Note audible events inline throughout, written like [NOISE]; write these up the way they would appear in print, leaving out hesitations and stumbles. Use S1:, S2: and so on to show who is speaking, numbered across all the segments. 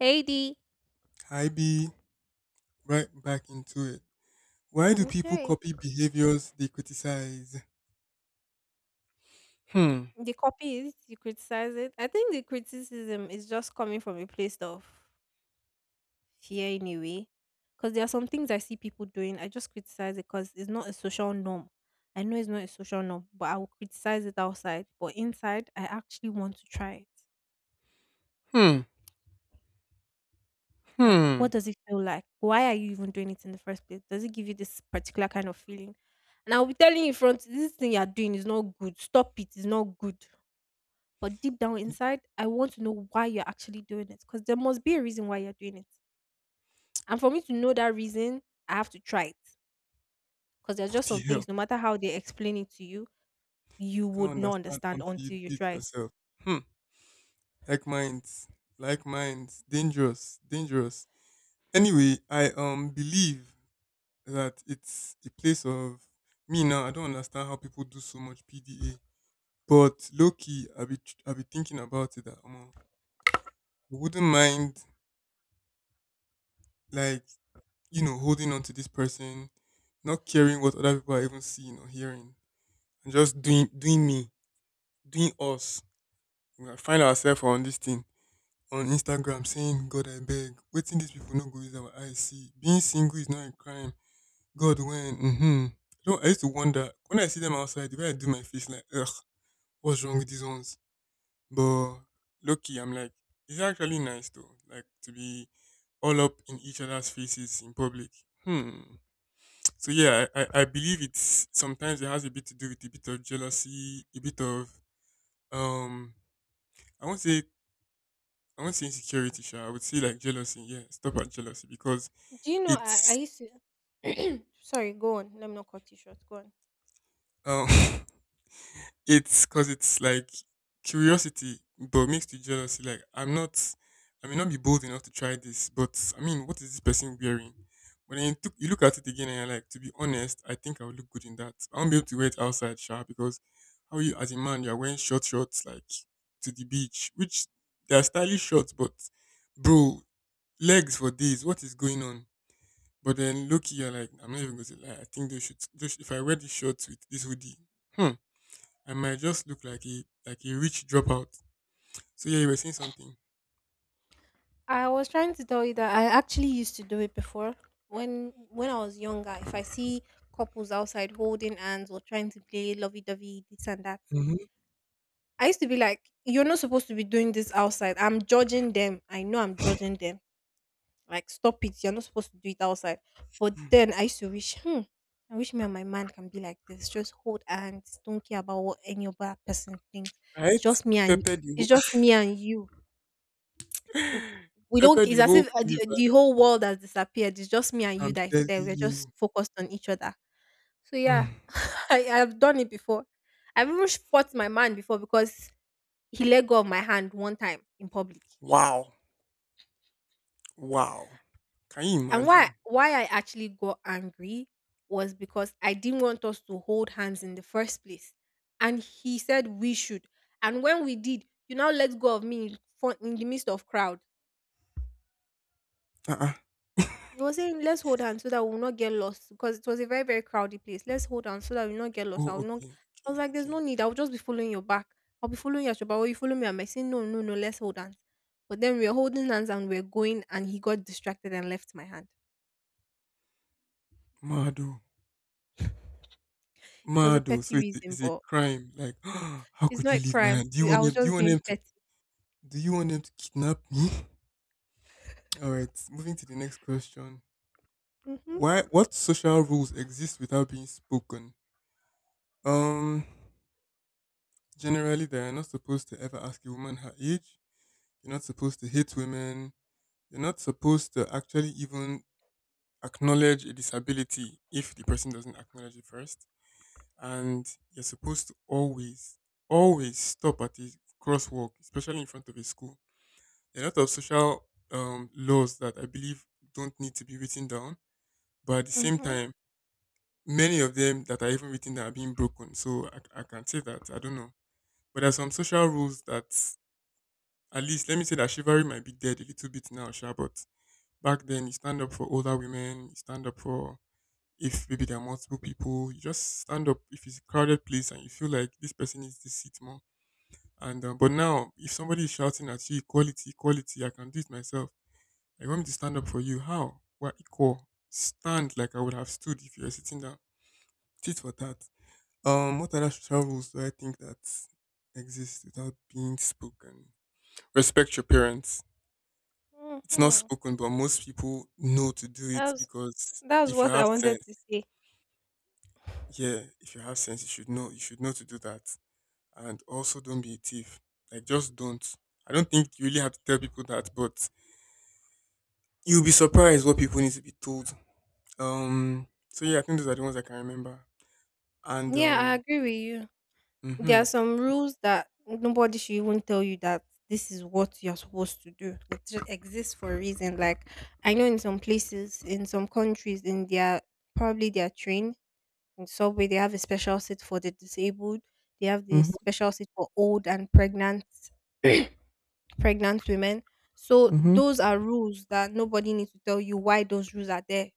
S1: AD.
S2: Hi B, right back into it. Why do people
S1: Okay.
S2: copy behaviors they criticize? Hmm,
S1: They copy it, you criticize it. I think the criticism is just coming from a place of fear anyway. Because there are some things I see people doing. I just criticize it because it's not a social norm. I know it's not a social norm, but I will criticize it outside. But inside, I actually want to try it.
S2: hmm,
S1: Like, what
S2: hmm.
S1: does it feel like? Why are you even doing it in the first place? Does it give you this particular kind of feeling? And I'll be telling you in front, this thing you're doing is not good. Stop it. It's not good. But deep down inside, I want to know why you're actually doing it because there must be a reason why you're doing it. And for me to know that reason, I have to try it because there's
S2: What
S1: just
S2: the
S1: some
S2: hell?
S1: things, no matter how they explain it to you, you
S2: You can't
S1: would not
S2: understand
S1: understand
S2: until you
S1: until
S2: do
S1: you
S2: it
S1: try it.
S2: yourself. Hmm. Like minds, like minds, dangerous, dangerous. Anyway, I believe that it's a place of me now. I don't understand how people do so much PDA, but low key, I be thinking about it. That I wouldn't mind like holding on to this person, not caring what other people are even seeing or hearing, and just doing me, doing us. We might find ourselves on this thing on Instagram saying, "God, I beg, waiting these people no go use our eyes see. Being single is not a crime. God, when So I used to wonder when I see them outside, the way I do my face, like, ugh, what's wrong with these ones? But lucky, I'm like, it's actually nice though, like to be all up in each other's faces in public. Hmm. So yeah, I believe it's sometimes it has a bit to do with a bit of jealousy, a bit of um I won't say I won't say insecurity, sure. I would say like jealousy, yeah. Stop at jealousy because
S1: Do you know? I
S2: it's
S1: used to. [CLEARS THROAT] Sorry, go on. Let me not cut you short. Go on.
S2: um [LAUGHS] it's because it's like curiosity, but mixed with jealousy. I may not be bold enough to try this, but I mean, what is this person wearing? But then you look at it again and you're like, to be honest, I think I would look good in that. I won't be able to wear it outside, sure, because how you as a man you're wearing short shorts like to the beach, which they are stylish shorts, but bro, legs for days. What is going on? But then look, you're like, I'm not even going to lie. I think they should. They should. If I wear these shorts with this hoodie, hmm, I might just look like a rich dropout. So yeah, you were saying something,
S1: I was trying to tell you that I actually used to do it before when I was younger. If I see couples outside holding hands or trying to play lovey dovey, this and that,
S2: hmm,
S1: I used to be like, you're not supposed to be doing this outside. I'm judging them. I know I'm judging them. Like, stop it. You're not supposed to do it outside. But then I used to wish, hmm, I wish me and my man can be like this. Just hold hands. Don't care about what any other person thinks. It's
S2: right?
S1: just me and
S2: Pepper the
S1: it's
S2: whole,
S1: just me and you. W-
S2: [LAUGHS]
S1: We
S2: pepper
S1: don't.
S2: the
S1: It's as
S2: whole
S1: if the
S2: universe.
S1: whole world has disappeared. It's just me and you
S2: I'm
S1: that is
S2: telling
S1: there. We're just
S2: you.
S1: focused on each other. So yeah,
S2: Mm.
S1: [LAUGHS] I've done it before. I've even fought my man before because he let go of my hand one time in public.
S2: Wow, wow. Can you
S1: And why
S2: imagine?
S1: why I actually got angry was because I didn't want us to hold hands in the first place. And he said we should. And when we did, you now let go of me in front in the midst of crowd.
S2: Uh-uh.
S1: He was saying, let's hold hands so that we'll not get lost because it was a very, very crowded place. Let's hold hands so that we'll not get lost.
S2: Oh,
S1: I'll
S2: okay,
S1: not I
S2: okay,
S1: was like, there's
S2: okay.
S1: no need. I'll just be following your back. I'll be following your back. Or you follow me. I'm saying, no, no, no, let's hold hands. But then we were holding hands and we are going and he got distracted and left my hand.
S2: Mado,
S1: It was a
S2: Mado.
S1: petty
S2: So
S1: reason,
S2: it's a
S1: but
S2: crime. Like, [GASPS] how
S1: it's
S2: could
S1: not
S2: you
S1: a
S2: leave my
S1: crime.
S2: hand?
S1: I was
S2: Do you
S1: just
S2: want
S1: being
S2: them to?
S1: petty.
S2: Do you want them to kidnap me? [LAUGHS] All right. Moving to the next question.
S1: Hmm.
S2: Why? What social rules exist without being spoken? Um, generally, they're not supposed to ever ask a woman her age. You're not supposed to hit women. You're not supposed to actually even acknowledge a disability if the person doesn't acknowledge it first. And you're supposed to always stop at the crosswalk, especially in front of a school. There are a lot of social laws that I believe don't need to be written down, but at the same
S1: Mm-hmm.
S2: time, many of them that are even written down are being broken. So I can say that I don't know, but there are some social rules that... At least let me say that chivalry might be dead a little bit now, sure, but back then you stand up for older women, you stand up for, if maybe there are multiple people, you just stand up if it's a crowded place and you feel like this person needs this seat more. And but now if somebody is shouting at you equality, equality, I can do it myself. I want me to stand up for you. How? We're equal. Stand like I would have stood if you were sitting down. Tit for tat. What other social rules do I think that exist without being spoken? Respect your parents. It's not
S1: Mm-hmm.
S2: spoken, but most people know to do it
S1: That's
S2: because
S1: that's
S2: if you
S1: what
S2: have
S1: I wanted to
S2: sense,
S1: say.
S2: yeah, if you have sense, you should know. You should know to do that. And also don't be a thief. Like just don't. I don't think you really have to tell people that, but you'll be surprised what people need to be told. So yeah, I think those are the ones I can remember. And
S1: Yeah, I
S2: um
S1: agree with you. There
S2: hmm
S1: are some rules that nobody should even tell you that this is what you're supposed to do. It just exists for a reason. Like, I know in some places, in some countries, in their probably their train in subway, they have a special seat for the disabled. They have the
S2: hmm
S1: special seat for old and pregnant women. So
S2: hmm
S1: those are rules that nobody needs to tell you why those rules are there.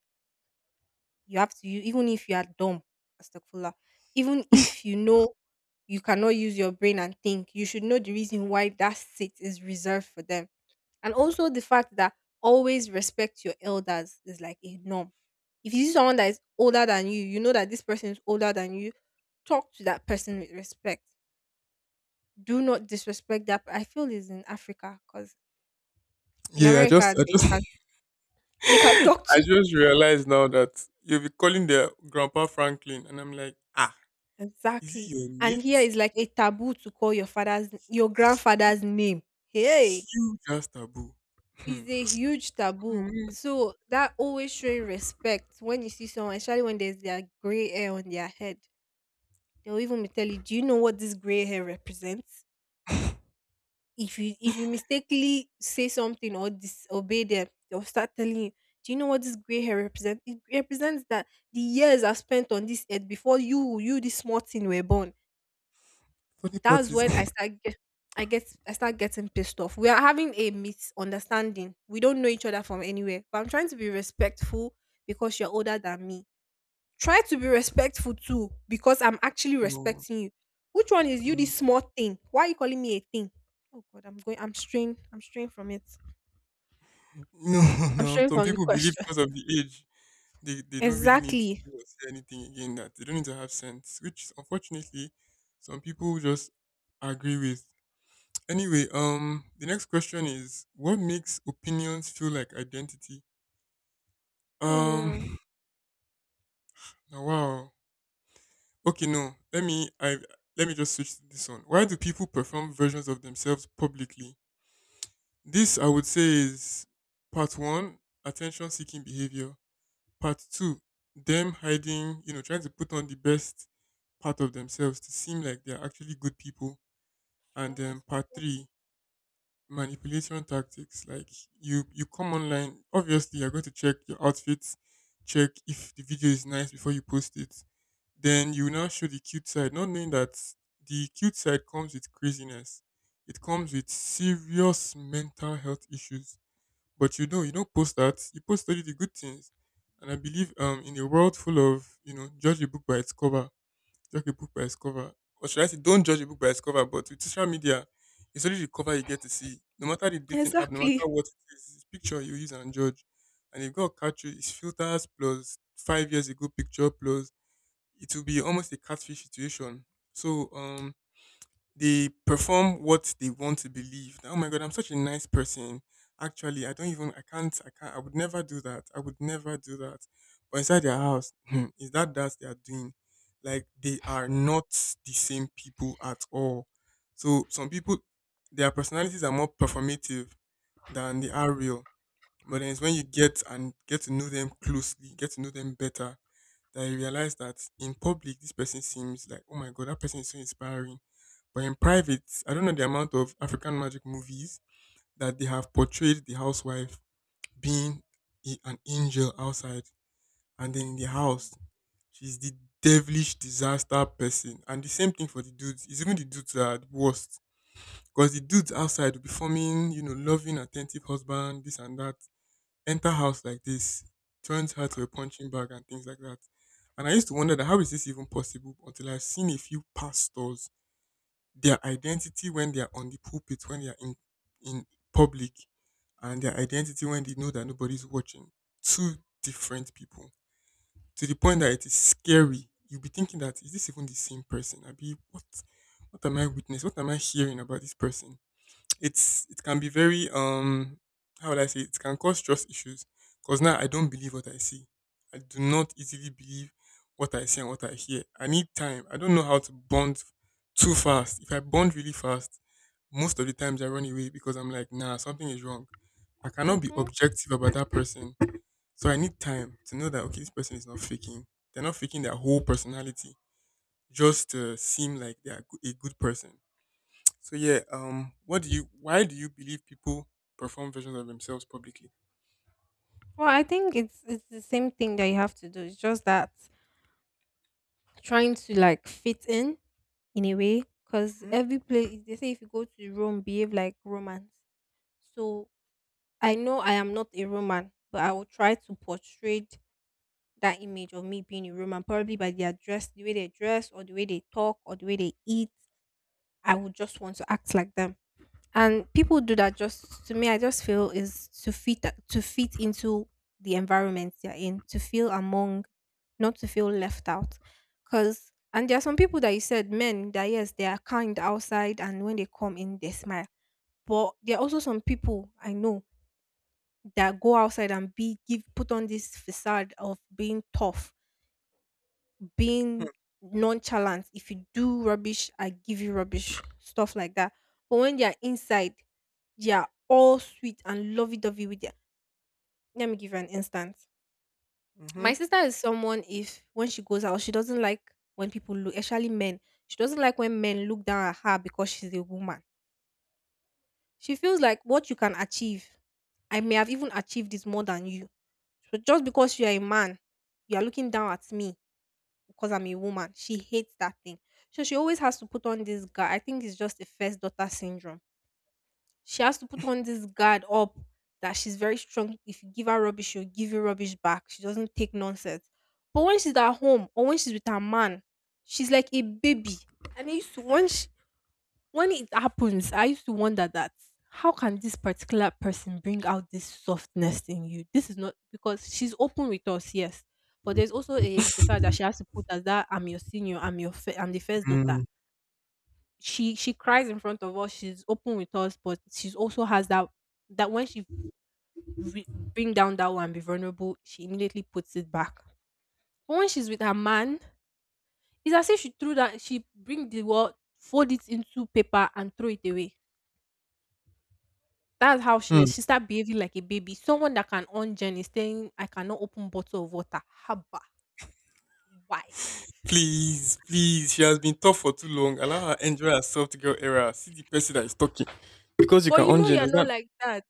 S1: You have to use even if you are dumb, astagfirullah, even if you know you cannot use your brain and think, you should know the reason why that seat is reserved for them. And also the fact that always respect your elders is like a norm. If you see someone that is older than you, you know that this person is older than you, talk to that person with respect. Do not disrespect that. I feel is in Africa because in
S2: Yeah, I just
S1: America
S2: I just [LAUGHS]
S1: they can talk
S2: I
S1: to.
S2: just realized now that you'll be calling their grandpa Franklin and I'm like, ah, is he
S1: Exactly.
S2: your
S1: And here
S2: mate?
S1: is like a taboo to call your father's your grandfather's name. Hey,
S2: Huge ass taboo.
S1: is
S2: Hmm.
S1: a huge taboo.
S2: Mm.
S1: So that always showing respect when you see someone, especially when there's their gray hair on their head. They'll even be tell you, do you know what this gray hair represents? If you mistakenly say something or disobey them, they'll start telling you, do you know what this gray hair represents? It represents that the years are spent on this earth before you, you this small thing were born.
S2: Funny
S1: That's
S2: parties.
S1: when, mm,
S2: [LAUGHS]
S1: I start getting pissed off. We are having a misunderstanding. We don't know each other from anywhere. But I'm trying to be respectful because you're older than me. Try to be respectful too because I'm actually
S2: No,
S1: respecting you. Which one is you
S2: mm,
S1: this small thing? Why are you calling me a thing? Oh god, I'm straying from it.
S2: no, [LAUGHS]
S1: I'm
S2: no.
S1: straying
S2: Some
S1: from the
S2: people believe
S1: question.
S2: because of the age, they don't really need
S1: Exactly.
S2: to do or say anything again, that they don't need to have sense, which unfortunately, some people just agree with. Anyway, the next question is, what makes opinions feel like identity? Um,
S1: Hmm.
S2: [SIGHS] now, wow. Okay, no. Let me just switch to this one. Why do people perform versions of themselves publicly? This I would say is part one, attention seeking behavior. Part two, them hiding, you know, trying to put on the best part of themselves to seem like they're actually good people. And then
S1: Flawless
S2: part
S1: people.
S2: three, manipulation tactics. Like you come online, obviously you're going to check your outfits, check if the video is nice before you post it. Then you now show the cute side, not knowing that the cute side comes with craziness. It comes with serious mental health issues, but you don't post that. You post only the good things. And I believe in a world full of, you know, judge a book by its cover. Judge a book by its cover. Or should I say don't judge a book by its cover, but with social media, it's only the cover you get to see. No matter the dating app, no matter
S1: Exactly.
S2: what it is, it's picture you use and judge. And if God catch you, it's filters plus 5 years ago picture plus it will be almost a catfish situation. So they perform what they want to believe. That, oh my god, I'm such a nice person. Actually, I don't even I can't I can't I would never do that. I would never do that. But inside their house, hmm, is that that they are doing? Like they are not the same people at all. So some people their personalities are more performative than they are real. But then it's when you get to know them closely, get to know them better, that you realize that in public this person seems like, oh my god, that person is so inspiring, but in private, I don't know the amount of African magic movies that they have portrayed the housewife being an angel outside, and then in the house, she's the devilish disaster person. And the same thing for the dudes. It's even the dudes that are the worst. Because the dudes outside will be forming, you know, loving, attentive husband, this and that. Enter house like this, turns her to a punching bag and things like that. And I used to wonder that how is this even possible until I've seen a few pastors, their identity when they are on the pulpit, when they are in public, and their identity when they know that nobody's watching. Two different people. To the point that it is scary. You'll be thinking that is this even the same person? I be what am I witnessing? What am I hearing about this person? It can be very how would I say it, it can cause trust issues because now I don't believe what I see. I do not easily believe what I see and what I hear. I need time. I don't know how to bond too fast. If I bond really fast, most of the times I run away because I'm like, nah, something is wrong. I cannot be
S1: Mm-hmm.
S2: objective about that person. So I need time to know that okay, this person is not faking. They're not faking their whole personality just to seem like they're a good person. So yeah, what do you? why do you believe people perform versions of themselves publicly?
S1: Well, I think it's the same thing that you have to do. It's just that trying to like fit in a way because
S2: Mm-hmm.
S1: every place they say if you go to Rome, behave like Romans. So I know I am not a Roman, but I will try to portray that image of me being a Roman, probably by their dress, the way they dress, or the way they talk, or the way they eat. I would just want to act like them, and people do that just to me. I just feel is to fit into the environment they're in, to feel among, not to feel left out. Because, and there are some people that you said men that, yes, they are kind outside and when they come in they smile, but there are also some people I know that go outside and be give put on this facade of being tough, being nonchalant. If you do rubbish, I give you rubbish, stuff like that. But when they are inside, they are all sweet and lovey dovey with their. Let me give you an instance.
S2: Mm-hmm.
S1: My sister is someone, if when she goes out, she doesn't like when people look, especially men, she doesn't like when men look down at her because she's a woman. She feels like what you can achieve, I may have even achieved this more than you. So just because you are a man, you are looking down at me because I'm a woman. She hates that thing. So she always has to put on this guard. I think it's just the first daughter syndrome. She has to put on this guard up that she's very strong. If you give her rubbish, she'll give you rubbish back. She doesn't take nonsense. But when she's at home or when she's with her man, she's like a baby. And I used to, once when it happens, I used to wonder that how can this particular person bring out this softness in you? This is not because she's open with us, yes, but there's also a facade that she has to put as that I'm your senior, I'm your, I am the first
S2: Mm-hmm.
S1: daughter. She cries in front of us. She's open with us, but she's also has that, that when she re- bring down that one, and be vulnerable, she immediately puts it back. But when she's with her man, it's as if she threw that she bring the world, fold it into paper and throw it away. That's how she is. She start behaving like a baby. Someone that can on Jen is saying, I cannot open bottle of water. Haba. Why?
S2: Please, please. She has been tough for too long. Allow her enjoy herself to girl era. See the person that is talking because you
S1: But
S2: can
S1: you know
S2: ungen
S1: you're
S2: does not.
S1: not like that.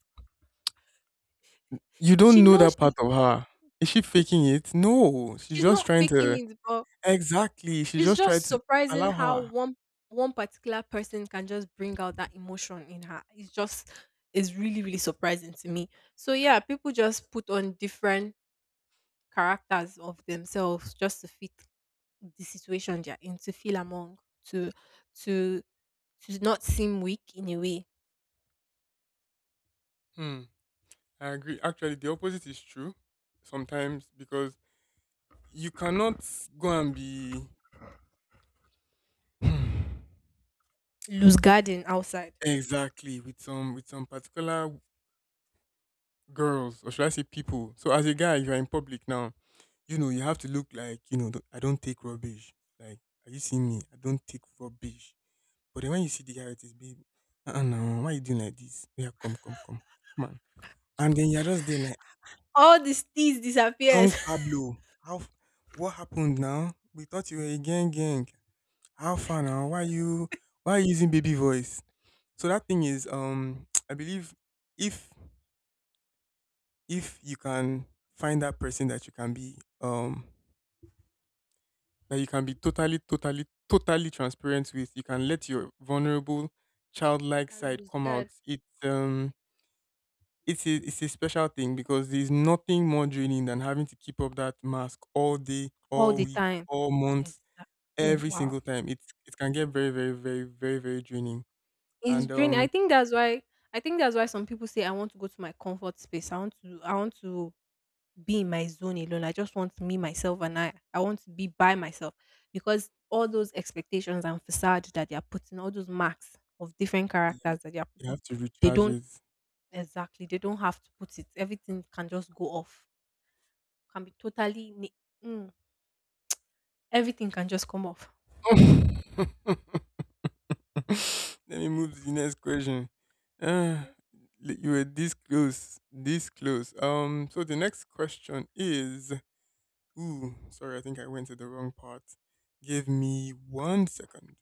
S2: You
S1: She
S2: don't know
S1: knows
S2: that part
S1: she's
S2: of her. Is she faking it? No, she's
S1: she's
S2: just
S1: not
S2: trying
S1: faking
S2: to.
S1: it, but
S2: Exactly, she's
S1: it's
S2: just trying
S1: just
S2: to
S1: surprising
S2: allow
S1: how
S2: her.
S1: one particular person can just bring out that emotion in her. It's just, it's really, really surprising to me. So yeah, people just put on different characters of themselves just to fit the situation they're in, to feel among, to to to not seem weak in a way.
S2: Hmm. I agree. Actually, the opposite is true sometimes because you cannot go and be. [SIGHS]
S1: Lose guard in outside.
S2: Exactly, with some particular girls, or should I say people. So as a guy, if you are in public now, you know, you have to look like, you know, "Don't- I don't take rubbish. Like, are you seeing me? I don't take rubbish." But then when you see the guy with his babe, uh-uh, no, why you doing like this? Oh, yeah, come on. And then you're just there like,
S1: All these things
S2: young
S1: disappears.
S2: Pablo, what happened now? We thought you were a gang gang. How far now? Why are you using baby voice? So that thing is, [TSK] I believe if if you can find that person that you can be that you can be totally transparent with. You can let your vulnerable
S1: [LAUGHS] You
S2: childlike
S1: can
S2: side
S1: lose
S2: come out.
S1: guard
S2: It's a special thing because there's nothing more draining than having to keep up that mask all day,
S1: all
S2: all
S1: the
S2: week,
S1: time,
S2: all month,
S1: exactly. Oh,
S2: every
S1: wow,
S2: single time. It's it can get very, very, very, very, very draining.
S1: it's
S2: And
S1: draining. I think that's why some people say, I want to go to my comfort space. I want to be in my zone alone. I just want me, myself, and I. I want to be by myself because all those expectations and facade that they are putting, all those marks of different
S2: you,
S1: characters that they are
S2: you
S1: putting,
S2: have to
S1: they
S2: recharge
S1: don't,
S2: it.
S1: exactly, they don't have to put it. Everything can just go off, can be totally, ni-, mm, everything can just come off.
S2: [LAUGHS] [LAUGHS] Let me move to the next question. Uh, you were this close, this close. So the next question is, ooh, sorry, I think I went to the wrong part. Give me one second.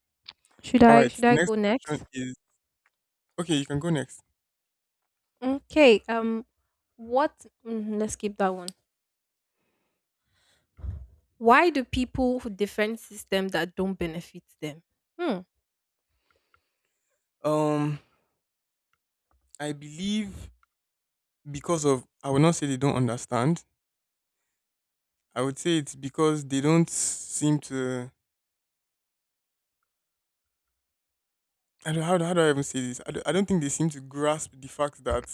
S2: All right,
S1: Should
S2: the
S1: I
S2: next
S1: go
S2: question
S1: next?
S2: is, okay, you can go next.
S1: Okay. What, mm, let's keep that one. Why do people who defend system that don't benefit them? Hmm.
S2: Um, I believe because of, I would not say they don't understand. I would say it's because they don't seem to. I don't, how, do- How do I even say this? I don't think they seem to grasp the fact that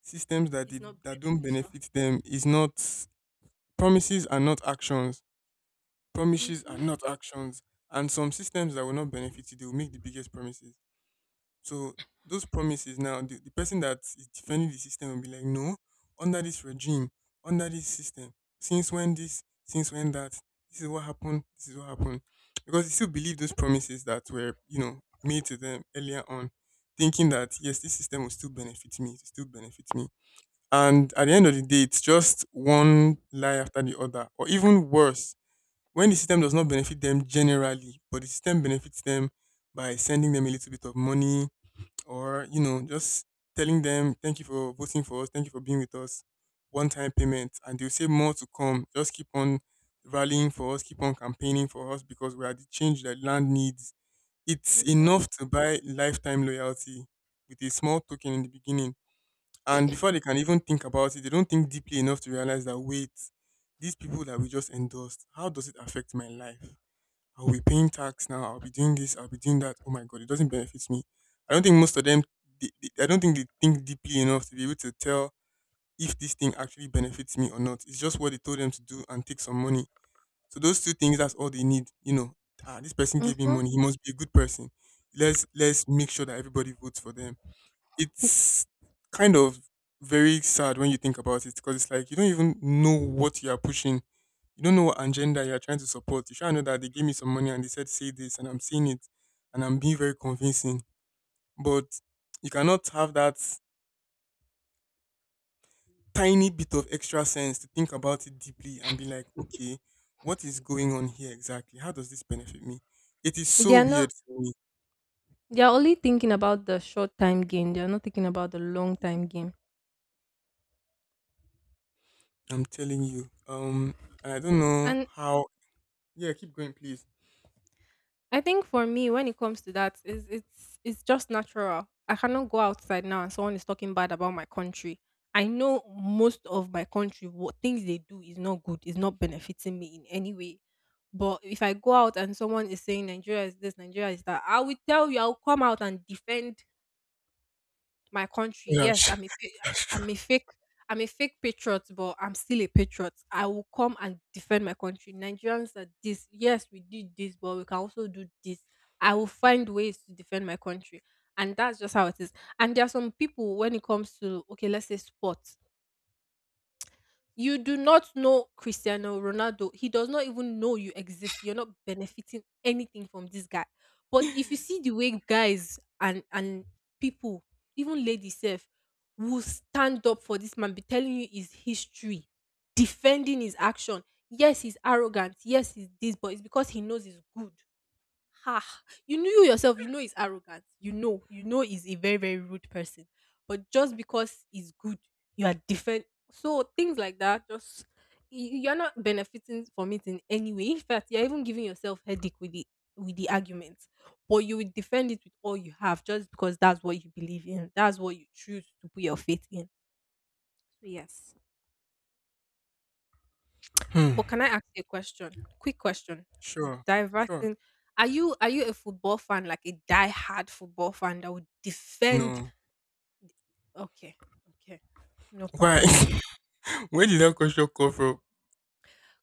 S2: systems that
S1: It's not
S2: did, that don't
S1: beneficial.
S2: benefit them is not promises are not actions promises are
S1: Mhm.
S2: not actions And some systems that will not benefit you, they will make the biggest promises. So those promises now, the person that is defending the system will be like, no, under this regime, under this system, since when this, since when that, this is what happened, this is what happened, because they still believe those promises that were made to them earlier on, thinking that yes, this system will still benefit me, it will still benefit me. And at the end of the day, it's just one lie after the other. Or even worse, when the system does not benefit them generally, but the system benefits them by sending them a little bit of money or, you know, just telling them, thank you for voting for us, thank you for being with us, one time payment. And they'll say more to come. Just keep on rallying for us, keep on campaigning for us because we are the change that land needs. It's
S1: Mhm.
S2: enough to buy lifetime loyalty with a small token in the beginning. And before they can even think about it, they don't think deeply enough to realize that, wait, these people that we just endorsed, how does it affect my life? I'll be paying tax now. I'll be doing this. I'll be doing that. Oh my god, it doesn't benefit me. I don't think most of them. I don't think they think deeply enough to be able to tell if this thing actually benefits me or not. It's just what they told them to do and take some money. So those two things, that's all they need. You know, ah, this person gave me
S1: Mhm.
S2: money. He must be a good person. Let's make sure that everybody votes for them. It's kind of very sad when you think about it, because it's like you don't even know what you are pushing. You don't know what agenda you are trying to support. You sure know that they gave me some money and they said say this, and I'm saying it, and I'm being very convincing. But you cannot have that tiny bit of extra sense to think about it deeply and be like, okay, what is going on here exactly? How does this benefit me? It is
S1: They
S2: so
S1: are
S2: weird
S1: not.
S2: for me.
S1: They are only thinking about the short time gain. They are not thinking about the long time gain.
S2: I'm telling you. And I don't know
S1: And
S2: how. Yeah, keep going, please.
S1: I think for me, when it comes to that, is it's just natural. I cannot go outside now and someone is talking bad about my country. I know most of my country, what things they do is not good, is not benefiting me in any way. But if I go out and someone is saying Nigeria is this, Nigeria is that, I will tell you, I'll come out and defend my country. Yes,
S2: That's, [LAUGHS] that's true.
S1: I'm a fake patriot, but I'm still a patriot. I will come and defend my country. Nigerians are this. Yes, we did this, but we can also do this. I will find ways to defend my country. And that's just how it is. And there are some people when it comes to, okay, let's say sports, you do not know Cristiano Ronaldo. He does not even know you exist. You're not benefiting anything from this guy. But if you see the way guys and people, even ladies self, will stand up for this man, be telling you his history, defending his action. Yes, he's arrogant. Yes, he's this, but it's because he knows he's good. Ha! You knew yourself, you know he's arrogant. You know he's a very, very rude person. But just because he's good, you are different. So things like that, just you're not benefiting from it in any way. In fact, you're even giving yourself headache with the argument. But you will defend it with all you have just because that's what you believe in. That's what you choose to put your faith in. So yes.
S2: Hmm.
S1: But can I ask you a question? Quick question.
S2: Sure, sure.
S1: Diverting. Are you a football fan, like a die-hard football fan that would defend?
S2: No.
S1: Okay, okay, no
S2: Why?
S1: problem.
S2: [LAUGHS] Where did that question come from?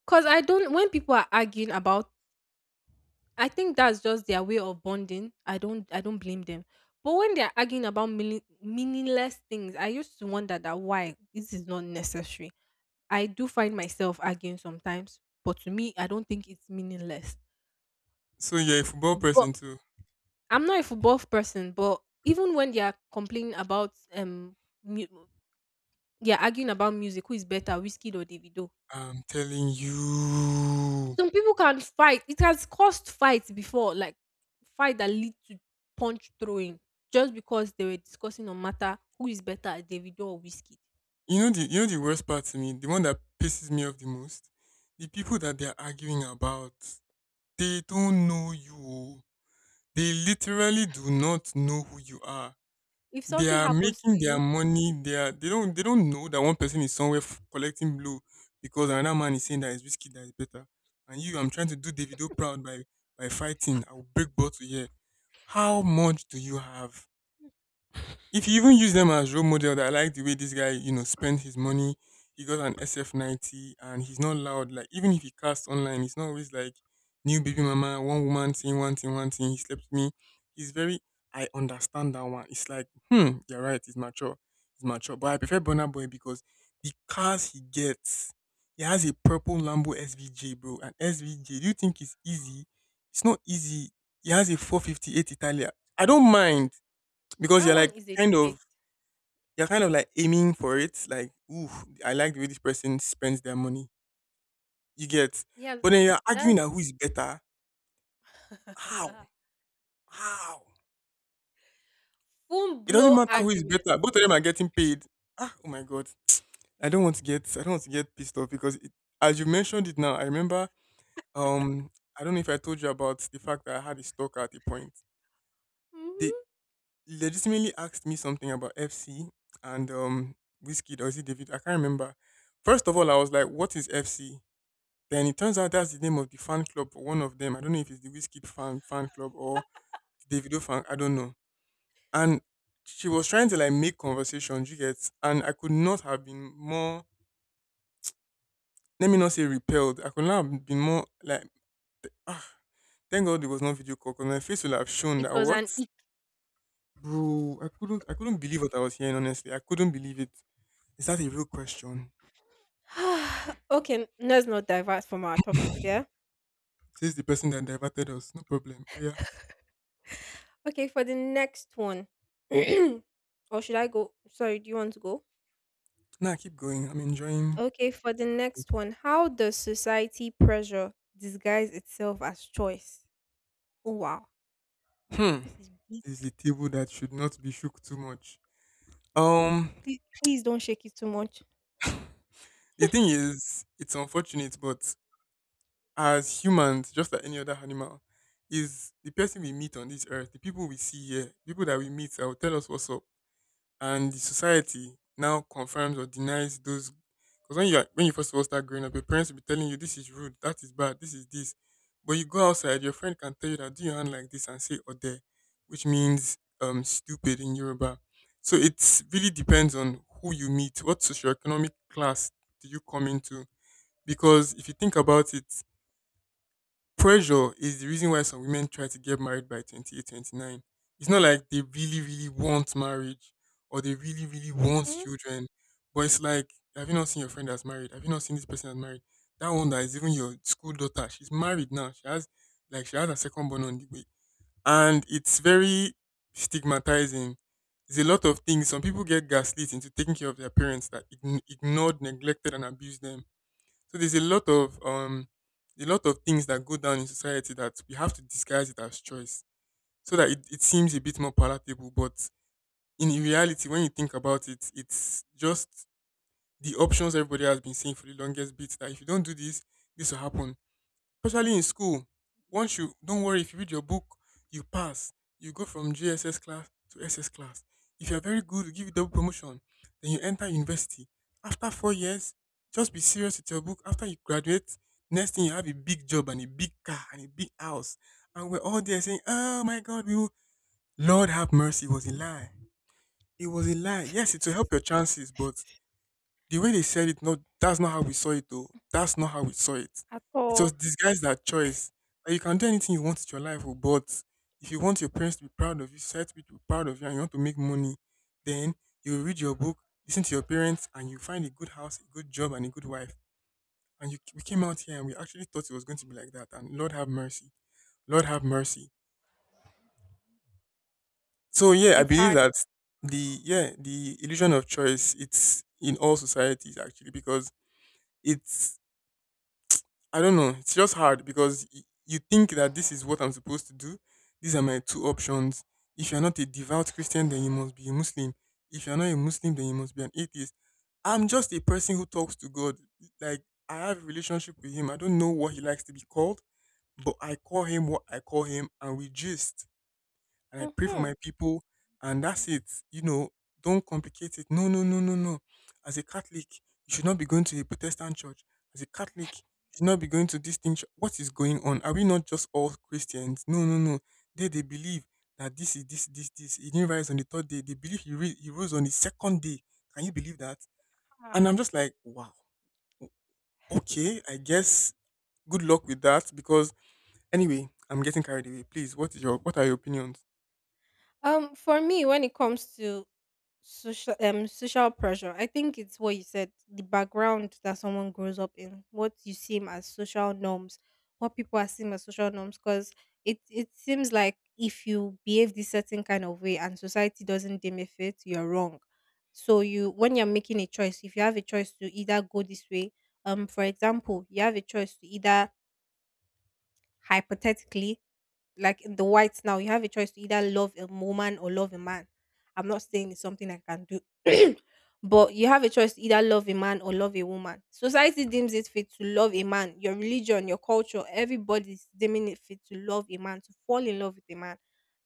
S1: Cause I don't. When people are arguing about, I think that's just their way of bonding. I don't blame them. But when they're arguing about meaningless things, I used to wonder that why this is not necessary. I do find myself arguing sometimes, but to me, I don't think it's meaningless.
S2: So you're a football
S1: But
S2: person too.
S1: I'm not a football person, but even when they are complaining about mu- they are arguing about music, who is better, Whiskey or Davido?
S2: I'm telling you.
S1: Some people can fight. It has caused fights before, like fight that lead to punch throwing, just because they were discussing on matter who is better, Davido or Whiskey.
S2: You know the worst part to me, the one that pisses me off the most? The people that they're arguing about, they don't know you. They literally do not know who you are.
S1: If
S2: They
S1: something
S2: are
S1: happens to
S2: making their
S1: you,
S2: money. They don't know that one person is somewhere collecting blue because another man is saying that his whiskey that is better. And you, I'm trying to do Davido proud by fighting. I will break bottle here. How much do you have? If you even use them as role model, that I like the way this guy, you know, spent his money, he got an SF90 and he's not loud. Like, even if he casts online, it's not always like new baby mama, one woman thing, one thing, one thing, he slept with me. He's very I understand that one. It's like, hmm, you're right, it's mature. It's mature. But I prefer Bonner Boy because the cars he gets, he has a purple Lambo SVJ, bro. And SVJ, do you think it's easy? It's not easy. He has a 458 Italia. I don't mind because
S1: that
S2: you're like
S1: one is a
S2: kind of
S1: debate.
S2: you're kind of like aiming for it, like, ooh, I like the way this person spends their money. You get,
S1: Yeah,
S2: but then you're arguing
S1: that's
S2: that who is better. How?
S1: [LAUGHS]
S2: How?
S1: full
S2: It doesn't
S1: blow
S2: matter who is
S1: argument.
S2: better. Both of them are getting paid. Ah, oh my god. I don't want to get pissed off because, it, as you mentioned it now, I remember. Um, I don't know if I told you about the fact that I had a stalker at a point. They
S1: Hmm.
S2: legitimately asked me something about FC and whiskey. Or is it David? I can't remember. First of all, I was like, "What is FC?" Then it turns out that's the name of the fan club for one of them. I don't know if it's the Whiskey fan club or the Davido fan. I don't know. And she was trying to like make conversation, you get, and I could not have been more. Let me not say repelled. I could not have been more like. Thank God it was not video call, because my face would have shown
S1: It
S2: that
S1: was
S2: what,
S1: an. [SIGHS]
S2: bro. I couldn't. I couldn't believe what I was hearing. Honestly, I couldn't believe it. Is that a real question?
S1: Okay, let's not divert from our topic here.
S2: Says the person that diverted us. No problem. Oh, yeah.
S1: Okay, for the next one. [CLEARS THROAT] Or should I go? Sorry, do you want to go?
S2: Nah, keep going. I'm enjoying.
S1: Okay, for the next one. How does society pressure disguise itself as choice? Oh, wow.
S2: Hmm.
S1: This is deep.
S2: This is a table that should not be shook too much. Um,
S1: Please, please don't shake it too much.
S2: the thing
S1: [LAUGHS]
S2: is, it's unfortunate, but as humans, just like any other animal, is the person we meet on this earth, the people we see here, people that we meet that will tell us what's up. And the society now confirms or denies those, because when you are, when you first of all start growing up, your parents will be telling you this is rude, that is bad, this is this. But you go outside, your friend can tell you that do your hand like this and say ode, which means stupid in Yoruba. So it really depends on who you meet, what socioeconomic class do you come into. Because if you think about it, pressure is the reason why some women try to get married by 28, 29. It's not like they really, really want marriage or they really, really want
S1: Mhm.
S2: children. But it's like, have you not seen your friend that's married? Have you not seen this person that's married? That one that is even your school daughter, she's married now. She has, like, she has a second born on the way. And it's very stigmatizing. There's a lot of things. Some people get gaslit into taking care of their parents that ignored, neglected, and abused them. So there's a lot of things that go down in society that we have to disguise it as choice so that it seems a bit more palatable. But in reality, when you think about it, it's just the options everybody has been seeing for the longest bit, that if you don't do this, this will happen. Especially in school, once you don't worry, if you read your book, you pass. You go from GSS class to SS class. If you're very good, we give you double promotion. Then you enter university. After 4 years, just be serious with your book. After you graduate, next thing you have a big job and a big car and a big house. And we're all there saying, oh my god, we will Lord have mercy, it was a lie. It was a lie. Yes, it will help your chances, but the way they said it, no, that's not how we saw it though. That's not how we saw it.
S1: At
S2: It was
S1: all.
S2: disguised as choice. Like, you can do anything you want with your life, oh, but if you want your parents to be proud of you, society to be proud of you, and you want to make money, then you read your book, listen to your parents, and you find a good house, a good job, and a good wife. And you, we came out here and we actually thought it was going to be like that. And Lord have mercy. Lord have mercy. So yeah, I
S1: It's
S2: believe
S1: hard.
S2: that the illusion of choice, it's in all societies, actually, because it's I don't know. It's just hard because you think that this is what I'm supposed to do. These are my two options. If you're not a devout Christian, then you must be a Muslim. If you're not a Muslim, then you must be an atheist. I'm just a person who talks to God. Like, I have a relationship with Him. I don't know what He likes to be called, but I call Him what I call Him, and we just and I pray for my
S1: Mhm.
S2: people, and that's it. You know, don't complicate it. No, no, no, no, no. As a Catholic, you should not be going to a Protestant church. As a Catholic, you should not be going to this thing. What is going on? Are we not just all Christians? No, no, no. They believe that this is this this this. He didn't rise on the third day. They believe he rose on the second day. Can you believe that? And
S1: Ah.
S2: I'm just like, wow. Okay, I guess good luck with that because anyway, I'm getting carried away. Please, what are your opinions?
S1: For me, when it comes to social social pressure, I think it's what you said, the background that someone grows up in, what you see him as social norms, what people are seeing as social norms, because it seems like if you behave this certain kind of way and society doesn't deem it fit, you're wrong. So you when you're making a choice, if you have a choice to either go this way, for example, you have a choice to either hypothetically like in the whites now, you have a choice to either love a woman or love a man. I'm not saying it's something I can do, [CLEARS THROAT] but you have a choice to either love a man or love a woman. Society deems it fit to love a man. Your religion, your culture, everybody's deeming it fit to love a man, to fall in love with a man.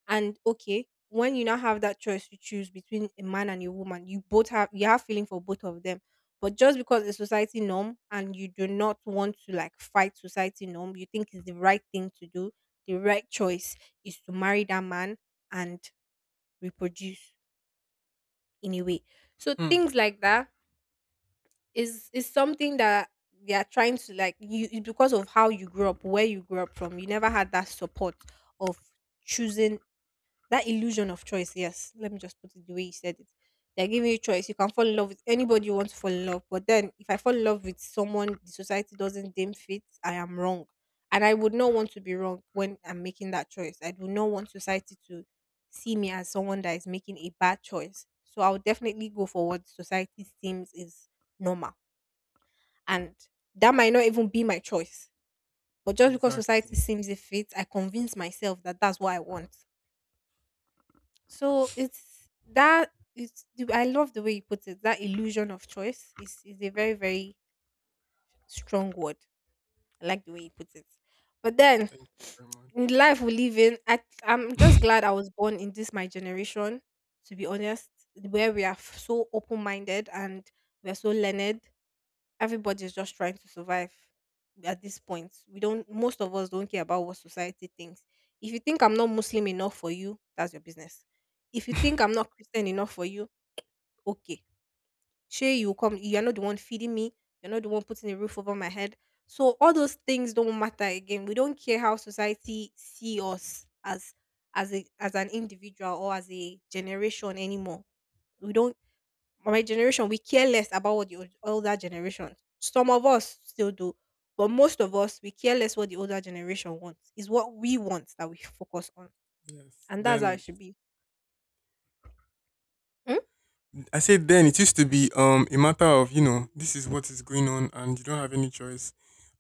S1: And okay, when you now have that choice to choose between a man and a woman, you both have you have feeling for both of them. But just because it's society norm and you do not want to like fight society norm, you think it's the right thing to do, the right choice is to marry that man and reproduce in a way. So
S2: Hmm.
S1: things like that is something that they are trying to like you, it's because of how you grew up, where you grew up from. You never had that support of choosing that illusion of choice. Yes, let me just put it the way you said it. They're giving you choice, you can fall in love with anybody you want to fall in love. But then if I fall in love with someone the society doesn't deem fit, I am wrong. And I would not want to be wrong when I'm making that choice. I do not want society to see me as someone that is making a bad choice, so I'll definitely go for what society seems is normal. And that might not even be my choice, but just because
S2: Exactly.
S1: society seems it fits, I convince myself that that's what I want. So it's that, I love the way you put it. That illusion of choice is a very, very strong word. I like the way you put it. But then
S2: Thank you very
S1: in
S2: much.
S1: the life we live in, I'm just glad I was born in this my generation. To be honest, where we are so open minded and we are so learned, everybody's just trying to survive at this point. We don't, most of us don't care about what society thinks. If you think I'm not Muslim enough for you, that's your business. If you think I'm not Christian enough for you, okay. Sure, you're not the one feeding me, you're not the one putting a roof over my head. So all those things don't matter again. We don't care how society see us as a as an individual or as a generation anymore. We don't my generation, we care less about what the older generation. Some of us still do, but most of us we care less what the older generation wants. Is what we want that we focus on,
S2: Yes.
S1: and that's how it
S2: Then
S1: should be. Mm?
S2: I said then it used to be a matter of, you know, this is what is going on and you don't have any choice.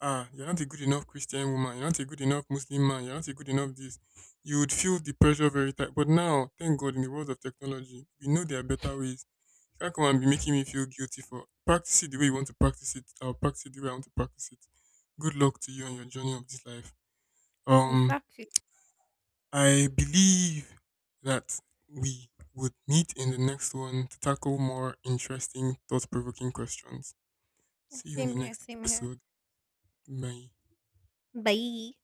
S2: Ah, you're not a good enough Christian woman, you're not a good enough Muslim man, you're not a good enough this. You would feel the pressure very tight. But now, thank God, in the world of technology, we know there are better ways. You can't come and be making me feel guilty for practice it the way you want to practice it. I'll practice it the way I want to practice it. Good luck to you on your journey of this life. Um
S1: Exactly.
S2: I believe that we would meet in the next one to tackle more interesting, thought provoking questions. See you in the
S1: Same here.
S2: next
S1: Same here.
S2: episode. Bye.
S1: Bye.